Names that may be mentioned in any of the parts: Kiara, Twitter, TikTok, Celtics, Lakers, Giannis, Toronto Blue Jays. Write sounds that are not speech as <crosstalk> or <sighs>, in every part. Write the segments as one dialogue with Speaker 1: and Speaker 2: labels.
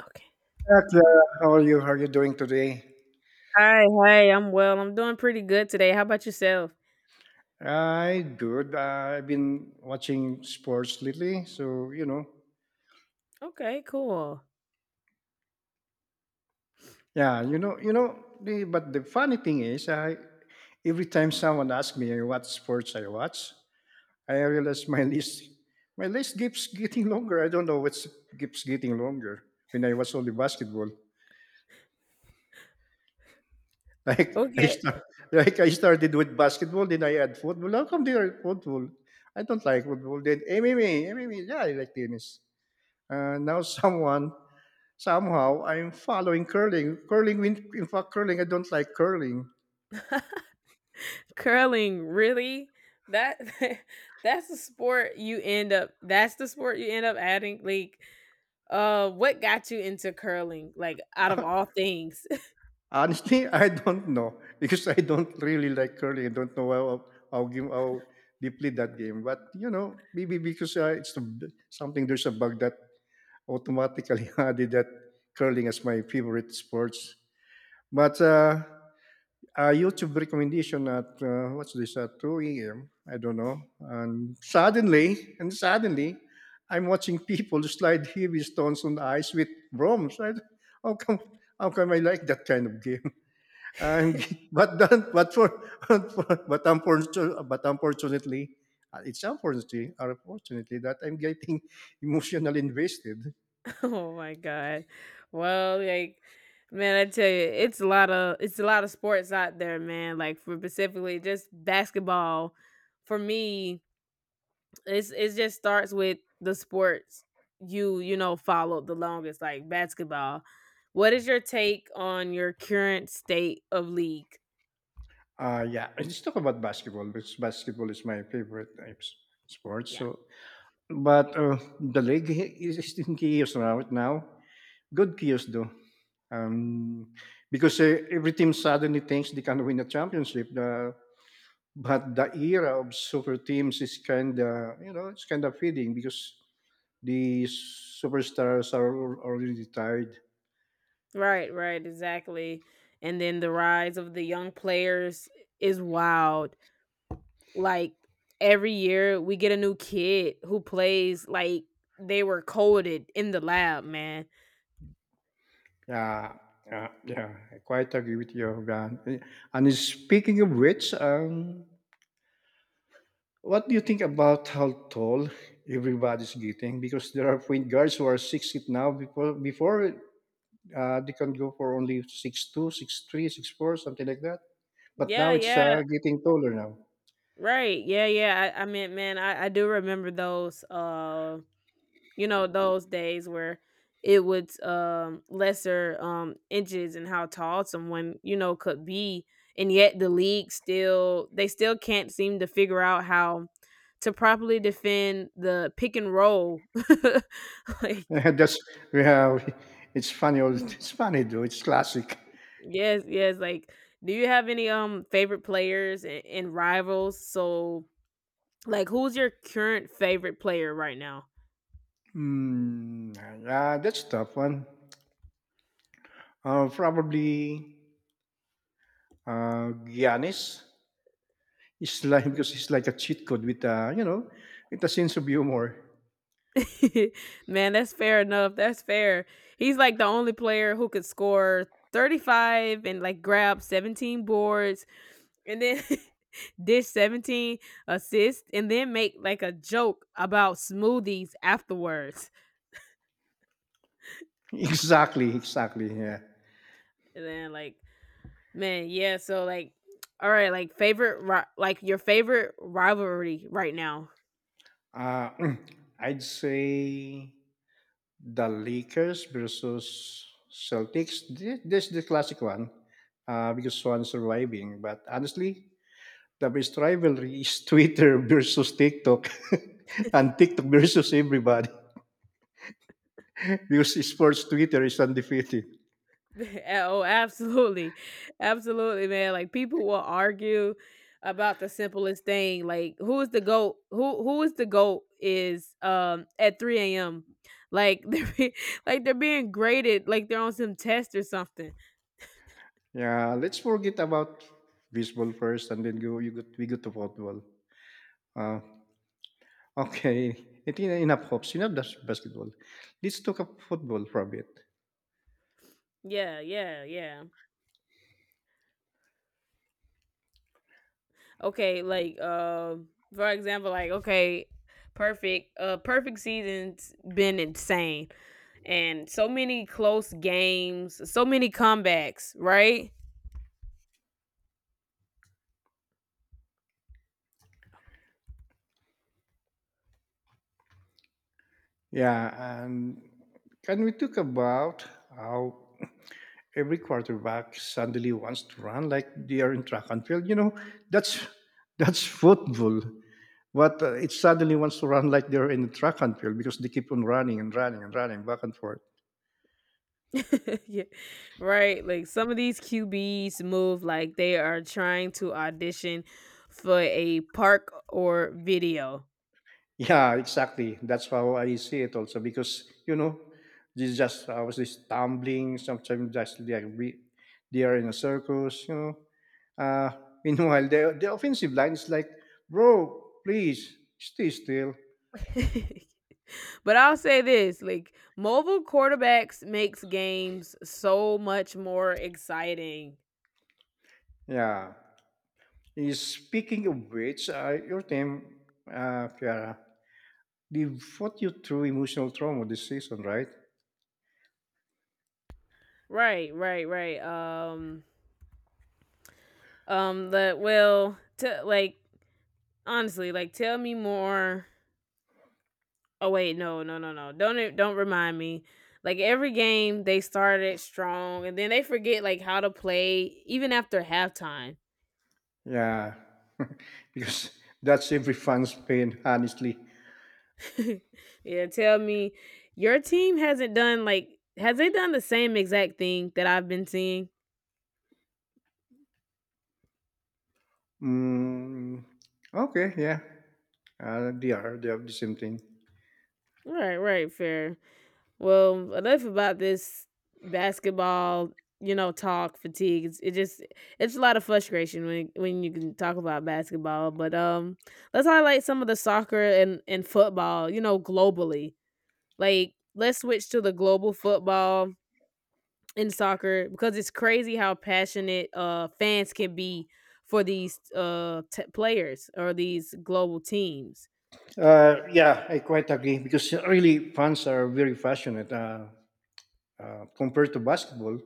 Speaker 1: Okay.
Speaker 2: Hi, Clara. How are you? How are you doing today?
Speaker 1: Hi, hi. I'm well. I'm doing pretty good today. How about yourself?
Speaker 2: I good. I've been watching sports lately, so
Speaker 1: Okay, cool.
Speaker 2: yeah, But the funny thing is, I every time someone asks me what sports I watch, I realize my <laughs> my list keeps getting longer. I don't know what's keeps getting longer. When I watch only basketball, <laughs> like I
Speaker 1: Okay.
Speaker 2: start, like I started with basketball, then I add football. How come they are football? I don't like football. Then MMA, yeah, I like tennis. And now <laughs> someone somehow I'm following curling. Curling, in fact, curling. I don't like curling.
Speaker 1: <laughs> Curling, really? That <laughs> that's the sport you end up adding like what got you into curling, like, out of all things?
Speaker 2: Honestly, <laughs> I don't know because I don't really like curling. I don't know how deeply that game. But you know, maybe because it's a- b- something there's a bug that automatically <laughs> added that curling as my favorite sports. But YouTube recommendation at what's this at 2 a.m. I don't know. And suddenly, I'm watching people slide heavy stones on ice with brooms. How come? How come I like that kind of game? <laughs> I'm, but then, but for, <laughs> but unfortunately, it's unfortunately, unfortunately that I'm getting <laughs> emotionally invested.
Speaker 1: <laughs> Oh my god. Well, like, man, I tell you, it's a lot of sports out there, man. Like, for specifically just basketball for me, it's it just starts with the sports you know followed the longest, like basketball. What is your take on your current state of league?
Speaker 2: Yeah, let's talk about basketball because basketball is my favorite sport.
Speaker 1: Yeah,
Speaker 2: So the league is in chaos right now. Good chaos though. Um, because every team suddenly thinks they can win a championship. But the era of super teams is kind of, you know, it's kind of fading because the superstars are already retired.
Speaker 1: right, right, exactly. And then the rise of the young players is wild. Like, every year, we get a new kid who plays like they were coded in the lab, man.
Speaker 2: Yeah, yeah. I quite agree with you, Van. And speaking of which, what do you think about how tall everybody's getting? Because there are point guards who are 6 feet now. Before they can go for only 6'2", 6'3", 6'4", something like that. But
Speaker 1: Yeah,
Speaker 2: now it's
Speaker 1: yeah,
Speaker 2: getting taller now.
Speaker 1: right. Yeah, yeah. I mean, man, I do remember those you know, those days where it would, lesser, inches and how tall someone, you know, could be, and yet the league still, they still can't seem to figure out how to properly defend the pick and roll <laughs> like—
Speaker 2: <laughs> That's we have. <laughs> It's funny.
Speaker 1: Mm.
Speaker 2: It's funny though. It's classic.
Speaker 1: Yes, yes. Like, do you have any favorite players and, rivals? So like, who's your current favorite player right now?
Speaker 2: Hmm. That's a tough one. Probably Giannis. It's like because it's like a cheat code with you know, with a sense of humor.
Speaker 1: <laughs> Man, that's fair enough. That's fair. He's like the only player who could score 35 and like grab 17 boards and then <laughs> dish 17 assists and then make like a joke about smoothies afterwards.
Speaker 2: Exactly, exactly. Yeah.
Speaker 1: And then like, man, yeah, so like, all right, like favorite like your favorite rivalry right now.
Speaker 2: Uh, <clears throat> I'd say the Lakers versus Celtics. This is the classic one because one is surviving. But honestly, the best rivalry is <laughs> Twitter versus TikTok <laughs> and TikTok versus everybody <laughs> because sports Twitter is undefeated.
Speaker 1: <laughs> Oh, absolutely. Absolutely, man. Like, people will argue about the simplest thing. Like, who is the goat? Who is the goat is at 3 a.m. Like, <laughs> like they're being graded, like they're on some test or something.
Speaker 2: Yeah, let's forget about baseball first and then we go to football. Uh, Okay, it's think enough hopes. Enough that's basketball. Let's talk about football for a bit.
Speaker 1: Yeah, yeah, yeah. Okay, like for example, like, okay, perfect. Perfect season's been insane. And so many close games, so many comebacks, right?
Speaker 2: Yeah, and can we talk about how every quarterback suddenly wants to run like they are in track and field? You know, that's that's football. But it suddenly wants to run like they're in the track and field because they keep on running and running and running back and forth.
Speaker 1: <laughs> Yeah. Right. Like, some of these QBs move like they are trying to audition for a park or video.
Speaker 2: Yeah, exactly. That's how I see it also because you know, this just I was just tumbling. Sometimes just they are in a circus. You know. Uh, <laughs> meanwhile, the offensive line is like, bro, please stay still.
Speaker 1: <laughs> But I'll say this, like, mobile quarterbacks makes games so much more exciting.
Speaker 2: Yeah. Speaking of which, your team, Kiara, they fought you through emotional trauma this season, right?
Speaker 1: Right, right, right. The well to like Honestly, like, tell me more— Oh wait, no, no, no, no. Don't remind me. Like, every game they started strong and then they forget like how to play even after halftime.
Speaker 2: Yeah, <laughs> because that's every fan's pain, honestly.
Speaker 1: <laughs> Yeah, tell me, your team hasn't done like— has they done the same exact thing that I've been seeing?
Speaker 2: Mm, okay, yeah. They have the same thing.
Speaker 1: Right, right, fair. Well, enough about this basketball, you know, talk fatigue. It just, it's a lot of frustration when you can talk about basketball. But let's highlight some of the soccer and football. You know, globally, like, let's switch to the global football and soccer, because it's crazy how passionate fans can be for these players or these global teams.
Speaker 2: Yeah, I quite agree because really fans are very passionate. Compared to basketball,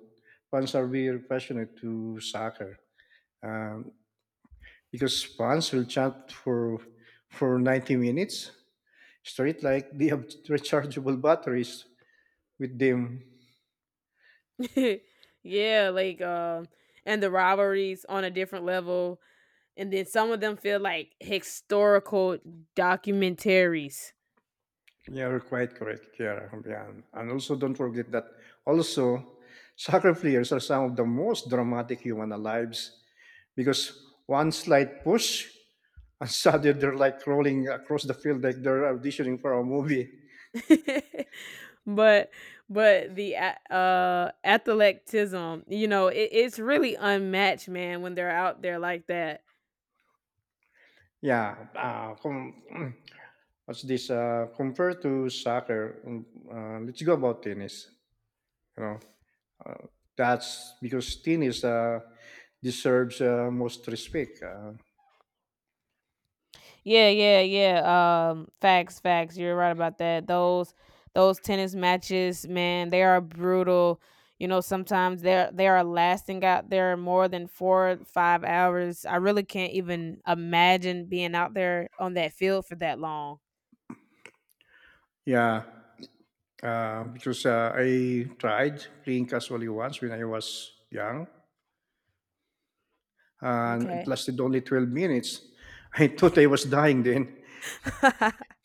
Speaker 2: fans are very passionate to soccer um, because fans will chant for 90 minutes straight, like they have <laughs> rechargeable batteries with them.
Speaker 1: <laughs> Yeah, like and the rivalries on a different level, and then some of them feel like historical documentaries.
Speaker 2: Yeah, you're quite correct, Kiara. Yeah. And also, don't forget that also soccer players are some of the most dramatic human lives because one slight push and <laughs> suddenly they're like rolling across the field like they're auditioning for a movie.
Speaker 1: <laughs> But the athleticism, you know, it, it's really unmatched, man, when they're out there like that.
Speaker 2: Yeah. Com- <clears throat> what's this? Compared to soccer, let's go about tennis. You know, uh, that's because tennis deserves most respect.
Speaker 1: Yeah, yeah, yeah. Facts, facts. You're right about that. Those tennis matches, man, they are brutal. You know, sometimes they are lasting out there more than four, 5 hours. I really can't even imagine being out there on that field for that long.
Speaker 2: Yeah. Because I tried playing casually once when I was young, and it
Speaker 1: Okay.
Speaker 2: lasted only 12 minutes. <laughs> I thought I was dying then.
Speaker 1: <laughs>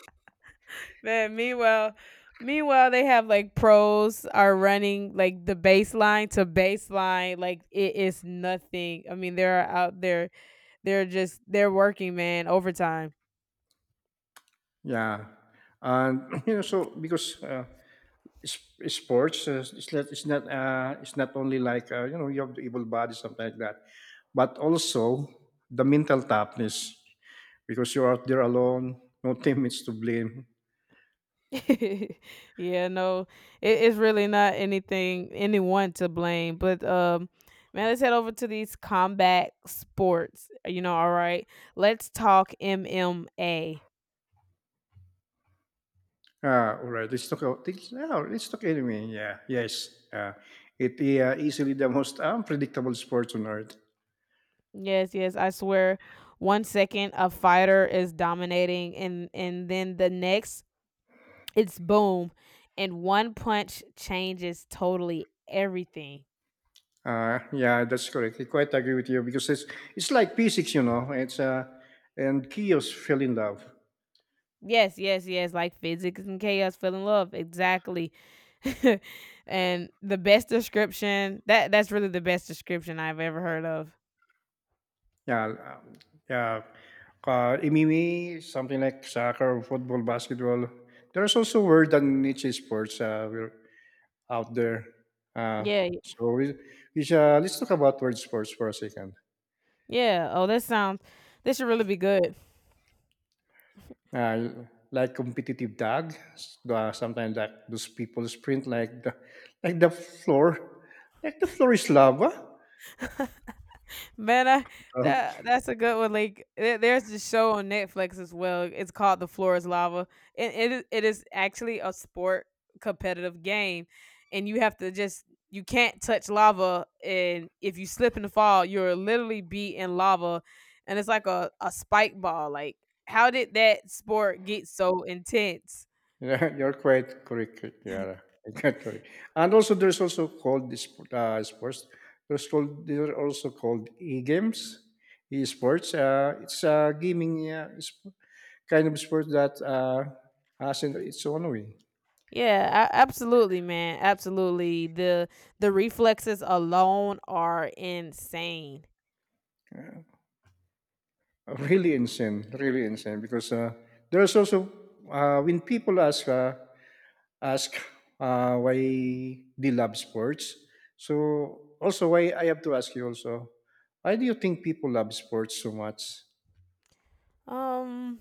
Speaker 1: Man, meanwhile, they have like pros are running like the baseline to baseline like it is nothing. I mean, they're out there. They're working, man, overtime.
Speaker 2: Yeah, and <clears throat> you know, so because sports, it's not only like you know, you have the able body, something like that, but also the mental toughness because you're out there alone, no <laughs> teammates to blame.
Speaker 1: <laughs> Yeah, no, it, it's really not anything— anyone to blame. But man, let's head over to these combat sports. You know, all right, let's talk MMA.
Speaker 2: Ah, alright. Let's talk about this Yeah, let's talk anime. Yeah. Yes. It Easily the most unpredictable sports on earth.
Speaker 1: Yes, yes, I swear. One second a fighter is dominating, and then the next, it's boom, and one punch changes totally everything.
Speaker 2: Yeah, that's correct. I quite agree with you because it's like physics, you know. It's And Kios fell in love.
Speaker 1: Yes, yes, yes, like physics and chaos fell in love, exactly. <laughs> And the best description, that's really the best description I've ever heard of.
Speaker 2: Yeah, um, yeah. MMA, something like soccer, football, basketball. There's also word and niche sports we're out there. Uh,
Speaker 1: Yeah,
Speaker 2: so we, shall let's talk about word sports for a second.
Speaker 1: yeah. Oh, this sounds— this should really be good.
Speaker 2: uh, like competitive dog. Sometimes like those people sprint like like the floor, like the floor is lava.
Speaker 1: Man, I,
Speaker 2: Um,
Speaker 1: that, that's a good one. Like, there, there's this show on Netflix as well. It's called The Floor is Lava. And it is— it is actually a sport, competitive game. And you have to just— you can't touch lava, and if you slip and fall, you're literally be in lava. And it's like a spike ball. Like, how did that sport get so intense?
Speaker 2: yeah, <laughs> you're quite correct. Yeah, quite correct. And also, there's also called this sports. There's called they're also called e-games, e-sports. It's a gaming kind of sport that has in its own way.
Speaker 1: Yeah, absolutely, man. Absolutely. The reflexes alone are insane.
Speaker 2: Really insane, really insane. Because there's also when people ask why they love sports, so also why I have to ask you also, why do you think people love sports so much?
Speaker 1: Um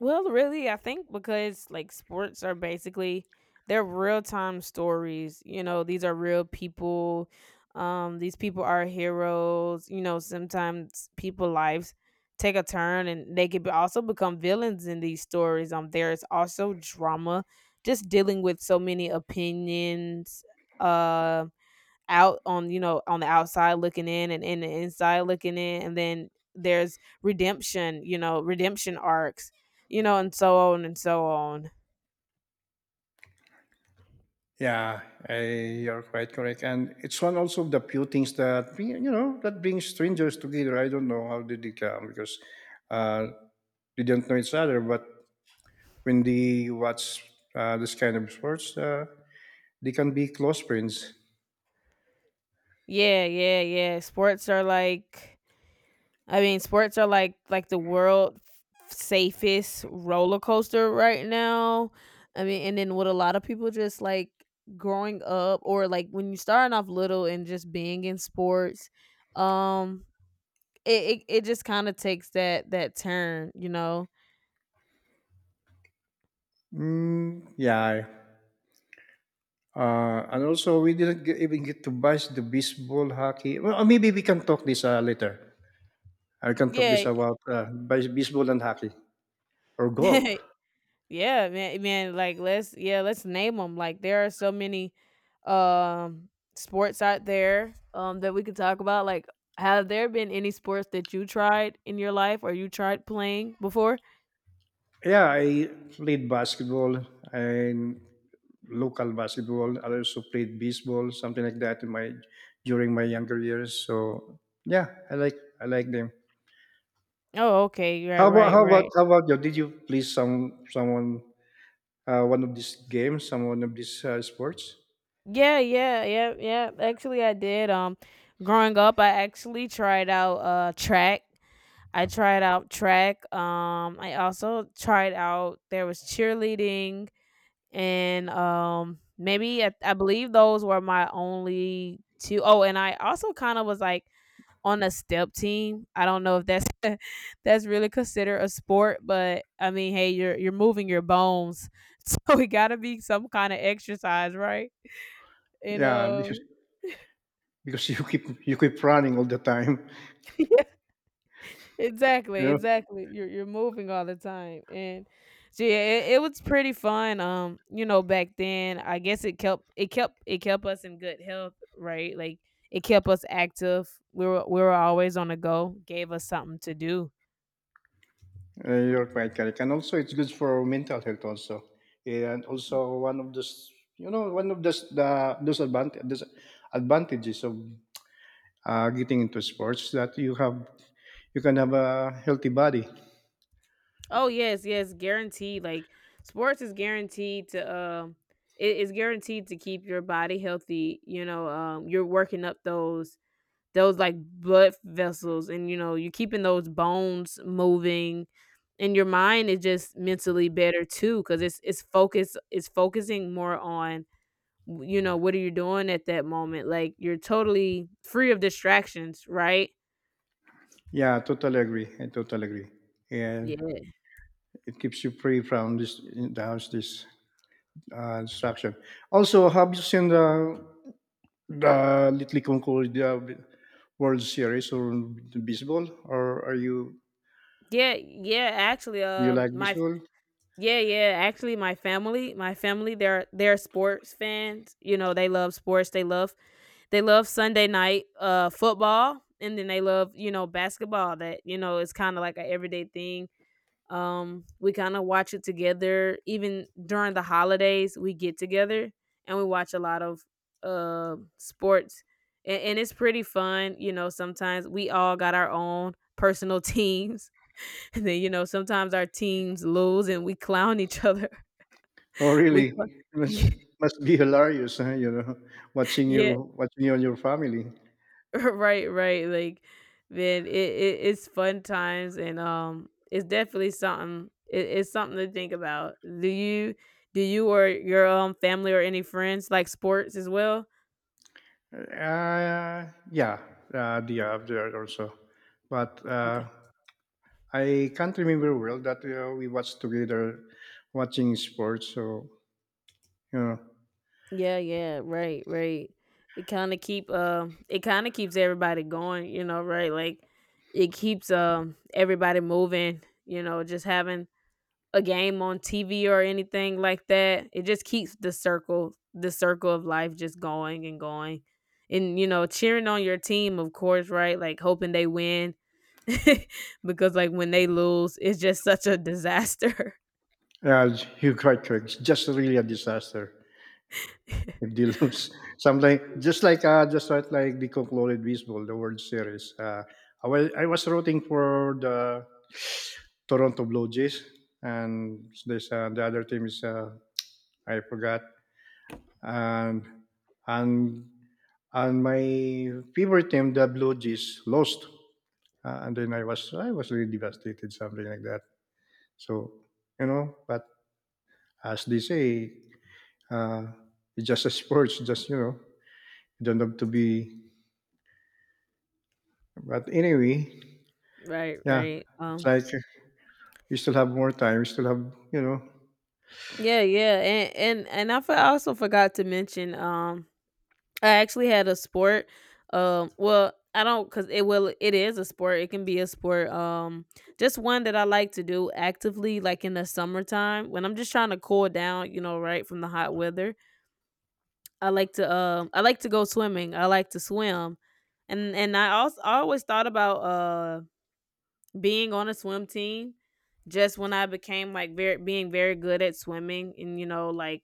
Speaker 1: Well, really, I think because like sports are basically, they're real-time stories. You know, these are real people. These people are heroes. You know, sometimes people lives take a turn and they could also become villains in these stories. There's also drama, just dealing with so many opinions, um, out on, you know, on the outside looking in and in the inside looking in, and then there's redemption, you know, redemption arcs, you know, and so on and so on.
Speaker 2: Yeah, I, you're quite correct, and it's one also of the few things that you know that brings strangers together. I don't know how did it come because uh, they don't know each other, but when they watch this kind of sports. They can be close friends.
Speaker 1: Yeah, yeah, yeah, sports are like— I mean, sports are like, the world safest roller coaster right now. I mean, and then what a lot of people just like, growing up or like when you starting off little and just being in sports, um, it just kinda takes that turn, you know?
Speaker 2: Mm, yeah. We didn't even get to bash the baseball, hockey. Well, maybe we can talk this later. I can talk this
Speaker 1: Yeah.
Speaker 2: about baseball and hockey or golf.
Speaker 1: <laughs> Yeah, man, like, let's— yeah, let's name them. Like, there are so many, um, sports out there, that we could talk about. Like, have there been any sports that you tried in your life or you tried playing before?
Speaker 2: Yeah, I played basketball and local basketball. I also played baseball, something like that, in my during my younger years. So yeah, I like them.
Speaker 1: Oh, okay, right,
Speaker 2: How about
Speaker 1: right,
Speaker 2: how about
Speaker 1: right.
Speaker 2: how about you? Did you play some someone one of these games, some one of these sports?
Speaker 1: Yeah, yeah, yeah, yeah, actually, I did, growing up, I actually tried out, track. I tried out track. I also tried out, there was cheerleading, and maybe I believe those were my only two. Oh, and I also kind of was like on a step team. I don't know if that's <laughs> that's really considered a sport, but I mean, hey, you're moving your bones. <laughs> So it got to be some kind of exercise, right? And
Speaker 2: Yeah, because you keep running all the time,
Speaker 1: <laughs>
Speaker 2: <laughs> you
Speaker 1: Exactly,
Speaker 2: know,
Speaker 1: exactly. You're moving all the time, and so yeah, it was pretty fun. You know, back then, I guess it kept it kept it kept us in good health, right? Like, it kept us active. We were always on the go. Gave us something to do.
Speaker 2: you're quite correct. And also, it's good for mental health also. Yeah, and also one of the s- you know one of the those advantages of getting into sports that you have you can have a healthy body.
Speaker 1: Oh yes, yes, guaranteed. Like, sports is guaranteed to it is guaranteed to keep your body healthy. You know, you're working up those like blood vessels, and you know, you're keeping those bones moving, and your mind is just mentally better too, because it's focusing more on, you know, what are you doing at that moment. Like, you're totally free of distractions, right?
Speaker 2: Yeah, totally agree. I totally agree. And
Speaker 1: Yeah,
Speaker 2: it keeps you free from this the house this distraction. Also, have you seen the little World Series or baseball? Or are you
Speaker 1: yeah, yeah, actually
Speaker 2: do you like
Speaker 1: my—
Speaker 2: baseball?
Speaker 1: yeah, yeah, actually, my family, they're sports fans. You know, they love sports, they love— they love Sunday night football, and then they love, you know, basketball, that, you know, it's kind of like an everyday thing. Um, we kind of watch it together even during the holidays. We get together and we watch a lot of sports, and, it's pretty fun. You know, sometimes we all got our own personal teams. <laughs> And then, you know, sometimes our teams lose and we clown each other. <laughs>
Speaker 2: Oh,
Speaker 1: We cl-
Speaker 2: really? Must be hilarious, huh? You know,
Speaker 1: <laughs> yeah,
Speaker 2: watching you and your family.
Speaker 1: <laughs> right, right. Like, man, it, it's fun times, and it's definitely something. It, it's something to think about. Do you or your family or any friends like sports as well?
Speaker 2: Yeah, the there also, but
Speaker 1: Okay.
Speaker 2: I can't remember well that we watched together watching sports. So you know,
Speaker 1: Yeah, yeah. Right, right. It kind of keeps everybody going. You know, right? Like, it keeps everybody moving. You know, just having a game on TV or anything like that. It just keeps the circle, of life just going and going. And you know, cheering on your team, of course, right? Like, hoping they win <laughs> because like, when they lose, it's just such a disaster.
Speaker 2: uh, Hugh Cartwright, just really a disaster. If they lose. <laughs> Something just like like the concluded baseball, the World Series. I was rooting for the <sighs> Toronto Blue Jays, and there's the other team is I forgot, and and and my favorite team, the Blue Jays, lost, and then I was really devastated, something like that. So you know, but as they say, uh, it's just a sports. Just you know, you don't have to be. But anyway,
Speaker 1: <laughs> Right,
Speaker 2: yeah,
Speaker 1: right.
Speaker 2: it's
Speaker 1: Um,
Speaker 2: like we still have more time. We still have, you know,
Speaker 1: yeah, yeah. And I also forgot to mention, um, I actually had a sport. Well, I don't because it will— it is a sport. It can be a sport. Just one that I like to do actively, like in the summertime when I'm just trying to cool down, you know, right from the hot weather. I like to— um, I like to go swimming. I like to swim, and I also, I always thought about being on a swim team. Just when I became like very being very good at swimming, and you know like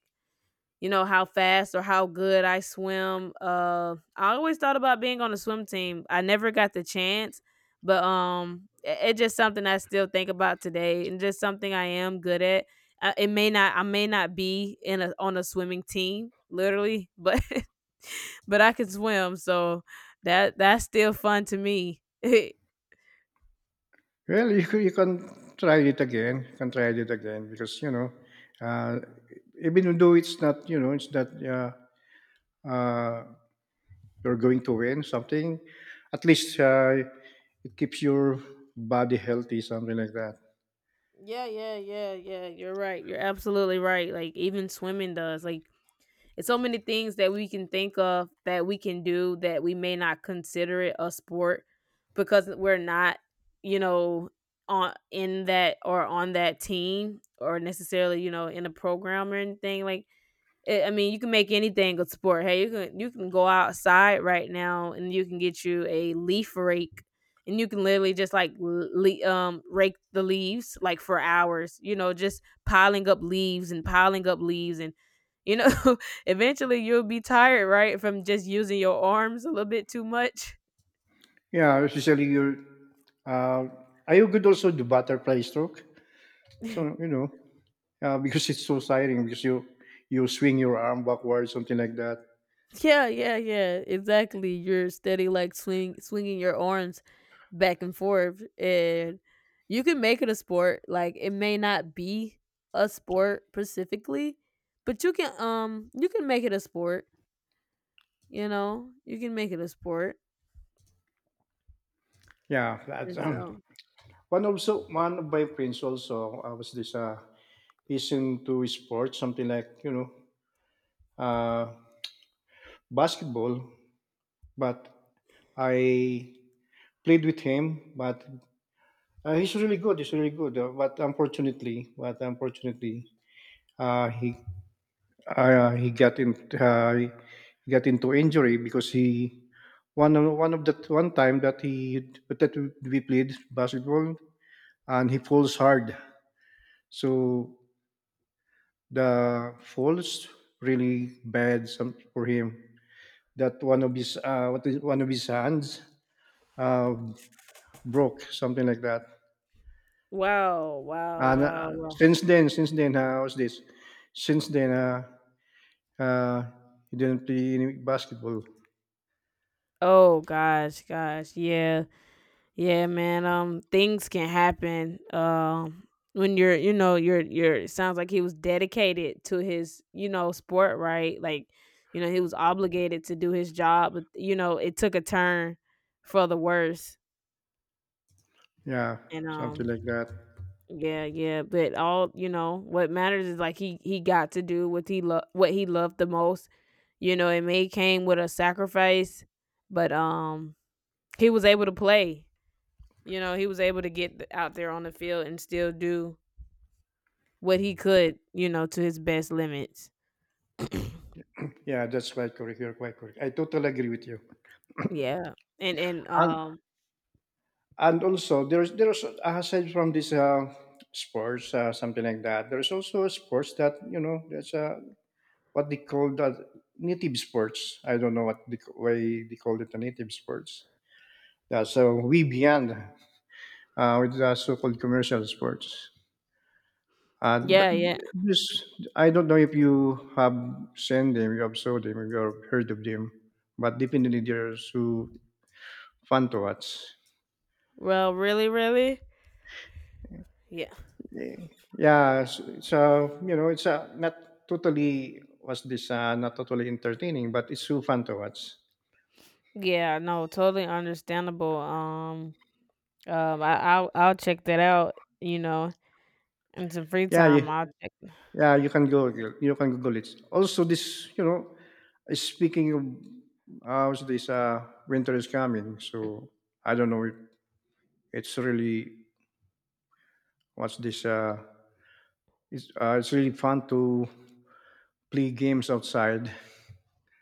Speaker 1: you know how fast or how good I swim. I always thought about being on a swim team. I never got the chance, but it's just something I still think about today, and just something I am good at. It may not, I may not be in a on a swimming team literally, but <laughs> but I can swim, so that's still fun to me. <laughs>
Speaker 2: well, you can try it again. You can try it again because, you know, uh, even though it's not, you know, it's not uh, you're going to win something, at least it keeps your body healthy, something like that.
Speaker 1: Yeah, yeah, yeah, yeah. You're right. You're absolutely right. Like even swimming does. Like it's so many things that we can think of that we can do that we may not consider it a sport because we're not, you know, on in that or on that team or necessarily, you know, in a program or anything. Like I mean, you can make anything a sport. Hey, you can go outside right now and you can get you a leaf rake, and you can literally just rake the leaves like for hours. You know, just piling up leaves and piling up leaves, and you know, <laughs> eventually you'll be tired, right, from just using your arms a little bit too much.
Speaker 2: Yeah, especially your. Uh, are you good also to butterfly stroke? So,
Speaker 1: <laughs>
Speaker 2: you know. Because it's so tiring because you swing your arm backwards something like that.
Speaker 1: Yeah, yeah, yeah. Exactly. You're steady, like swinging your arms back and forth, and you can make it a sport. Like it may not be a sport specifically, but you can make it a sport. You know, you can make it a sport.
Speaker 2: Yeah that's
Speaker 1: And so,
Speaker 2: One also one of my friends also was this he's into sports something like you know uh basketball, but I played with him, but he's really good, but unfortunately uh he uh, he got in he got into injury because he one of that one time that he that we played basketball and he falls hard. So the falls really bad some for him. That one of his one of his hands uh, broke something like that.
Speaker 1: wow, wow,
Speaker 2: And
Speaker 1: wow, wow.
Speaker 2: since then, how's this? Since then, uh, he didn't play any basketball.
Speaker 1: Oh gosh, gosh, yeah. Yeah, man. Things can happen. When you're, you know, you're, you're. It sounds like he was dedicated to his, you know, sport, right? Like, you know, he was obligated to do his job, but you know, it took a turn for the worse.
Speaker 2: Yeah,
Speaker 1: And
Speaker 2: something like that.
Speaker 1: yeah, yeah. But all, you know, what matters is like he got to do what he loved the most. You know, it may came with a sacrifice, but he was able to play. You know, he was able to get out there on the field and still do what he could, you know, to his best limits. <coughs>
Speaker 2: Yeah, that's quite correct. You're quite correct. I totally agree with you.
Speaker 1: <clears throat> Yeah. And and
Speaker 2: And
Speaker 1: um
Speaker 2: and also there's aside from this sports, something like that, there's also a sports that, you know, that's what they call that native sports. I don't know why they call it the native sports. Yeah, so we beyond, with the so-called commercial sports, but
Speaker 1: yeah, yeah.
Speaker 2: this, I don't know if you have seen them, you have saw them, you have heard of them, but definitely they're so fun to watch.
Speaker 1: Well, really, really? Yeah.
Speaker 2: Ye yeah, s so, you know, not totally not totally entertaining, but it's so fun to watch.
Speaker 1: Yeah, no, totally understandable. I'll check that out, you know, in some free
Speaker 2: Yeah,
Speaker 1: time.
Speaker 2: you
Speaker 1: I'll check.
Speaker 2: yeah, you can Google it. Also this, you know, speaking of, winter is coming, so I don't know if it's really, what's this, uh, it's really fun to play games outside.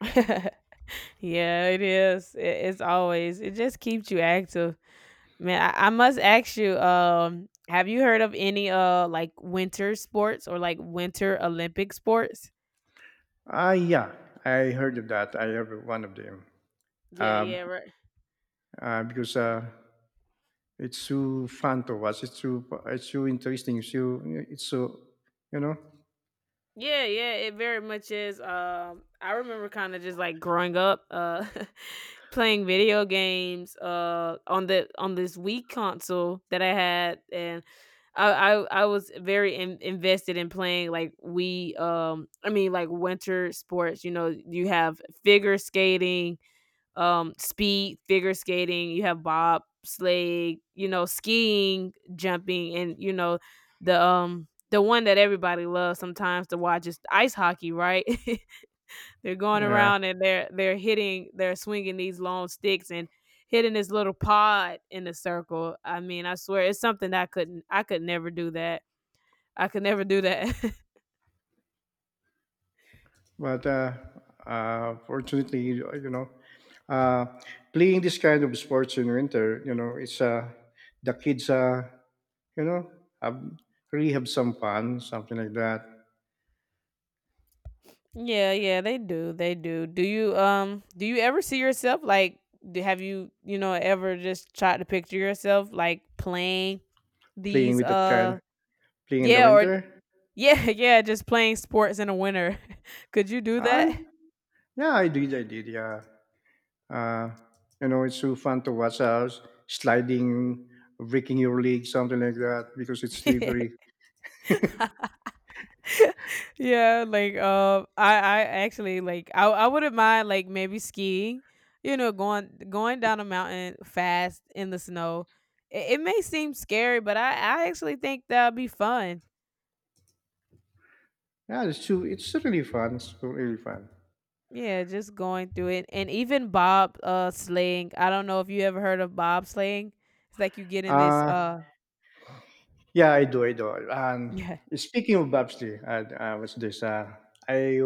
Speaker 1: <laughs> Yeah, it is. It's always it just keeps you active. Man, I must ask you, have you heard of any like winter sports or like winter Olympic sports?
Speaker 2: Ah, yeah, I heard of that. I have one of them.
Speaker 1: Yeah,
Speaker 2: Um,
Speaker 1: yeah, right.
Speaker 2: because, uh, it's so fun to watch. It's so interesting. It's so you know.
Speaker 1: Yeah, yeah, it very much is. I remember kind of just like growing up, <laughs> playing video games, on the on this Wii console that I had, and I was very invested in playing like Wii. I mean like winter sports. You know, you have figure skating, speed figure skating. You have bob sleigh, you know, skiing, jumping, and you know the one that everybody loves sometimes to watch is ice hockey, right? <laughs> They're going
Speaker 2: Yeah.
Speaker 1: around and they're hitting, they're swinging these long sticks and hitting this little pod in the circle. I mean, I swear it's something that I couldn't I could never do that. I could never do that. <laughs>
Speaker 2: But Fortunately, you know, uh, playing this kind of sports in winter, you know, it's the kids you know, have, really have some fun, something like that.
Speaker 1: Yeah, yeah, they do. They do. Do you ever see yourself like have you, you know, ever just tried to picture yourself like playing
Speaker 2: Playing
Speaker 1: these
Speaker 2: with that kind, playing in the
Speaker 1: yeah or
Speaker 2: winter.
Speaker 1: yeah, <laughs> yeah, just playing sports in the winter. <laughs> Could you do
Speaker 2: I
Speaker 1: that?
Speaker 2: yeah, I did, yeah. Uh, you know, it's so fun to watch us sliding, breaking your leg, something like that, because it's slippery.
Speaker 1: <laughs> Yeah, like I actually like I wouldn't mind like maybe skiing, you know, going down a mountain fast in the snow. It may seem scary, but I actually think that'd be fun.
Speaker 2: It's really fun. It's so really fun.
Speaker 1: Yeah, just going through it. And even bob slaying. I don't know if you ever heard of bob slaying. It's like you get in this
Speaker 2: Uh, yeah, I do, I do. And
Speaker 1: <laughs> yeah.
Speaker 2: speaking of bobsleigh, I, what's this? I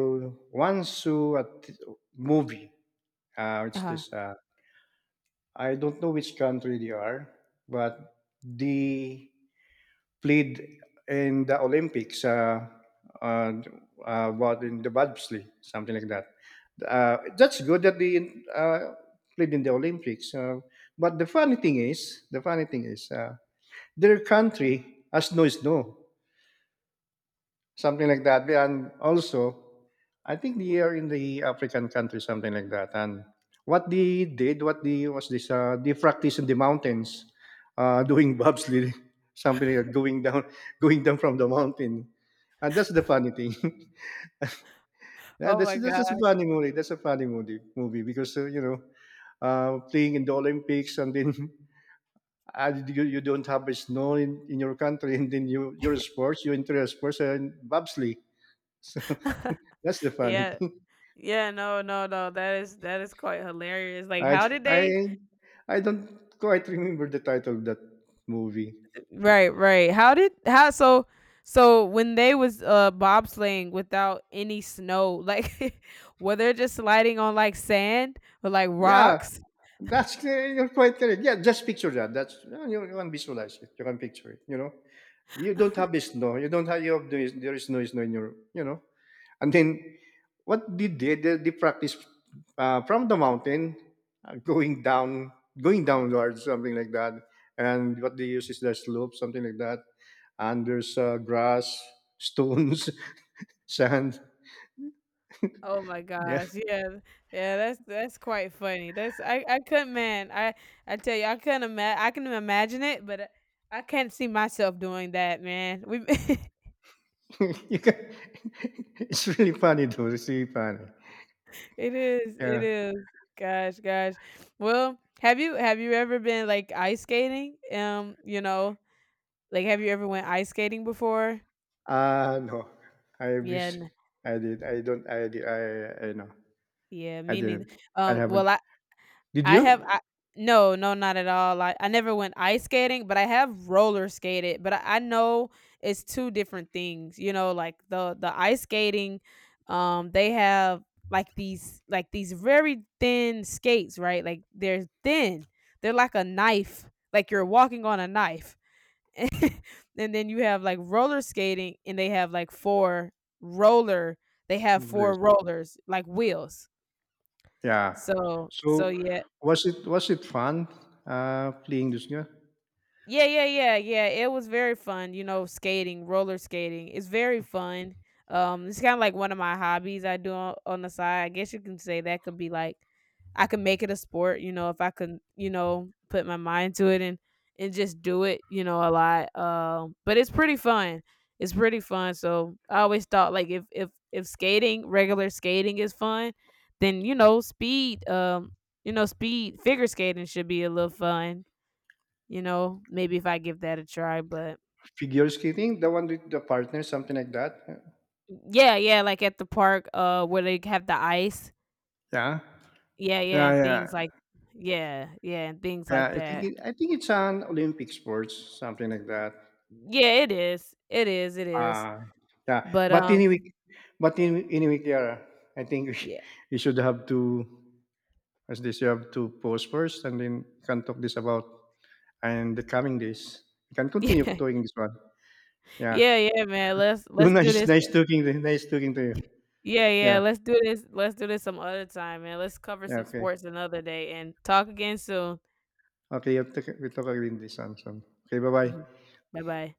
Speaker 2: once saw a movie. It's
Speaker 1: Uh,
Speaker 2: this. I don't know which country they are, but the played in the Olympics, uh, what in the bobsleigh, something like that. That's good that they uh, played in the Olympics. But the funny thing is, their country has no snow something like that. And also, I think they are in the African country, something like that. And what they was this, they practice in the mountains, doing bobsleigh, <laughs> something like going down, <laughs> going down from the mountain. And that's the funny thing. <laughs> Yeah,
Speaker 1: oh
Speaker 2: that's
Speaker 1: my
Speaker 2: that's just a
Speaker 1: gosh.
Speaker 2: funny movie. That's a funny movie because you know, playing in the Olympics and then. <laughs> You don't have a snow in your country, <laughs> and then you your sports, you enter a sports and bobsleigh. <laughs> So.
Speaker 1: <laughs>
Speaker 2: That's the funny
Speaker 1: Yeah.
Speaker 2: thing.
Speaker 1: Yeah, no, no, no. That is quite hilarious.
Speaker 2: <laughs>
Speaker 1: Like
Speaker 2: I
Speaker 1: how did
Speaker 2: I
Speaker 1: they.
Speaker 2: I don't quite remember the title of that movie.
Speaker 1: Right, right. How did how so so when they was bobsleighing without any snow, like <laughs> were they just sliding on like sand or like
Speaker 2: Yeah,
Speaker 1: rocks?
Speaker 2: that's you're quite correct. Yeah, just picture that. That's you can visualize it. You can picture it. You know, you don't have this no. You don't have you have this, there is noise no snow in your you know. And then what they did they practice from the mountain going down going downwards something like that. And what they use is the slope something like that, and there's grass, stones, <laughs> sand.
Speaker 1: Oh my
Speaker 2: Yeah.
Speaker 1: gosh,
Speaker 2: <laughs>
Speaker 1: yeah, yeah, that's quite funny. That's I couldn't, man. I tell you, I couldn't imagine. I can imagine it, but I can't see myself doing that, man. We, <laughs>
Speaker 2: You can <laughs> it's really funny though. It's really funny.
Speaker 1: it is, it
Speaker 2: Yeah.
Speaker 1: is. Gosh, gosh. Well, have you ever been like ice skating? You know, like have you ever went ice skating before?
Speaker 2: Uh, no. I
Speaker 1: Yeah,
Speaker 2: wish I did. I don't, I did, I know.
Speaker 1: yeah,
Speaker 2: I
Speaker 1: me neither.
Speaker 2: didn't. I haven't.
Speaker 1: Well,
Speaker 2: Did
Speaker 1: I have
Speaker 2: you?
Speaker 1: I no, no, not at all. I never went ice skating, but I have roller skated, but I know it's 2 different things, you know, like, the ice skating, they have, like, these very thin skates, right? Like, they're thin. They're like a knife, like you're walking on a knife, and then you have, like, roller skating, and they have, like, 4 roller they have 4
Speaker 2: Yes.
Speaker 1: rollers, like wheels.
Speaker 2: Yeah.
Speaker 1: So so,
Speaker 2: So
Speaker 1: yeah.
Speaker 2: was it fun playing this game?
Speaker 1: Yeah, yeah, yeah, yeah. It was very fun, you know, skating, roller skating. It's very fun. It's kind of like one of my hobbies I do on the side. I guess you can say that could be like I could make it a sport, you know, if I could, you know, put my mind to it and just do it, you know, a lot. But it's pretty fun. It's pretty fun. So I always thought like if skating, regular skating is fun, then you know, speed figure skating should be a little fun. You know, maybe if I give that a try, but
Speaker 2: Figure skating, the one with the partner, something like that.
Speaker 1: yeah, yeah, like at the park, where they have the ice,
Speaker 2: Yeah.
Speaker 1: yeah, yeah,
Speaker 2: Yeah,
Speaker 1: and
Speaker 2: yeah.
Speaker 1: things like, yeah, yeah, and things
Speaker 2: Yeah.
Speaker 1: like that.
Speaker 2: I think it's an Olympic sports, something like that.
Speaker 1: Yeah, it is, it is, it is.
Speaker 2: Ah, yeah.
Speaker 1: But
Speaker 2: But anyway, anyway, Kiara, I think <laughs>
Speaker 1: yeah,
Speaker 2: we should have to, as this, you have to post first and then can talk this about and the coming days. You can
Speaker 1: <laughs> yeah,
Speaker 2: continue doing this one. Yeah.
Speaker 1: yeah,
Speaker 2: <laughs>
Speaker 1: yeah, man.
Speaker 2: So
Speaker 1: Let's do
Speaker 2: nice,
Speaker 1: this.
Speaker 2: nice talking to you.
Speaker 1: Yeah, yeah,
Speaker 2: Yeah.
Speaker 1: let's do this. Let's do this some other time, man. Let's cover
Speaker 2: Yeah.
Speaker 1: some
Speaker 2: Okay.
Speaker 1: sports another day and talk again soon.
Speaker 2: Okay. We'll talk again this one soon. Okay. Bye
Speaker 1: <clears throat>
Speaker 2: bye.
Speaker 1: Bye bye.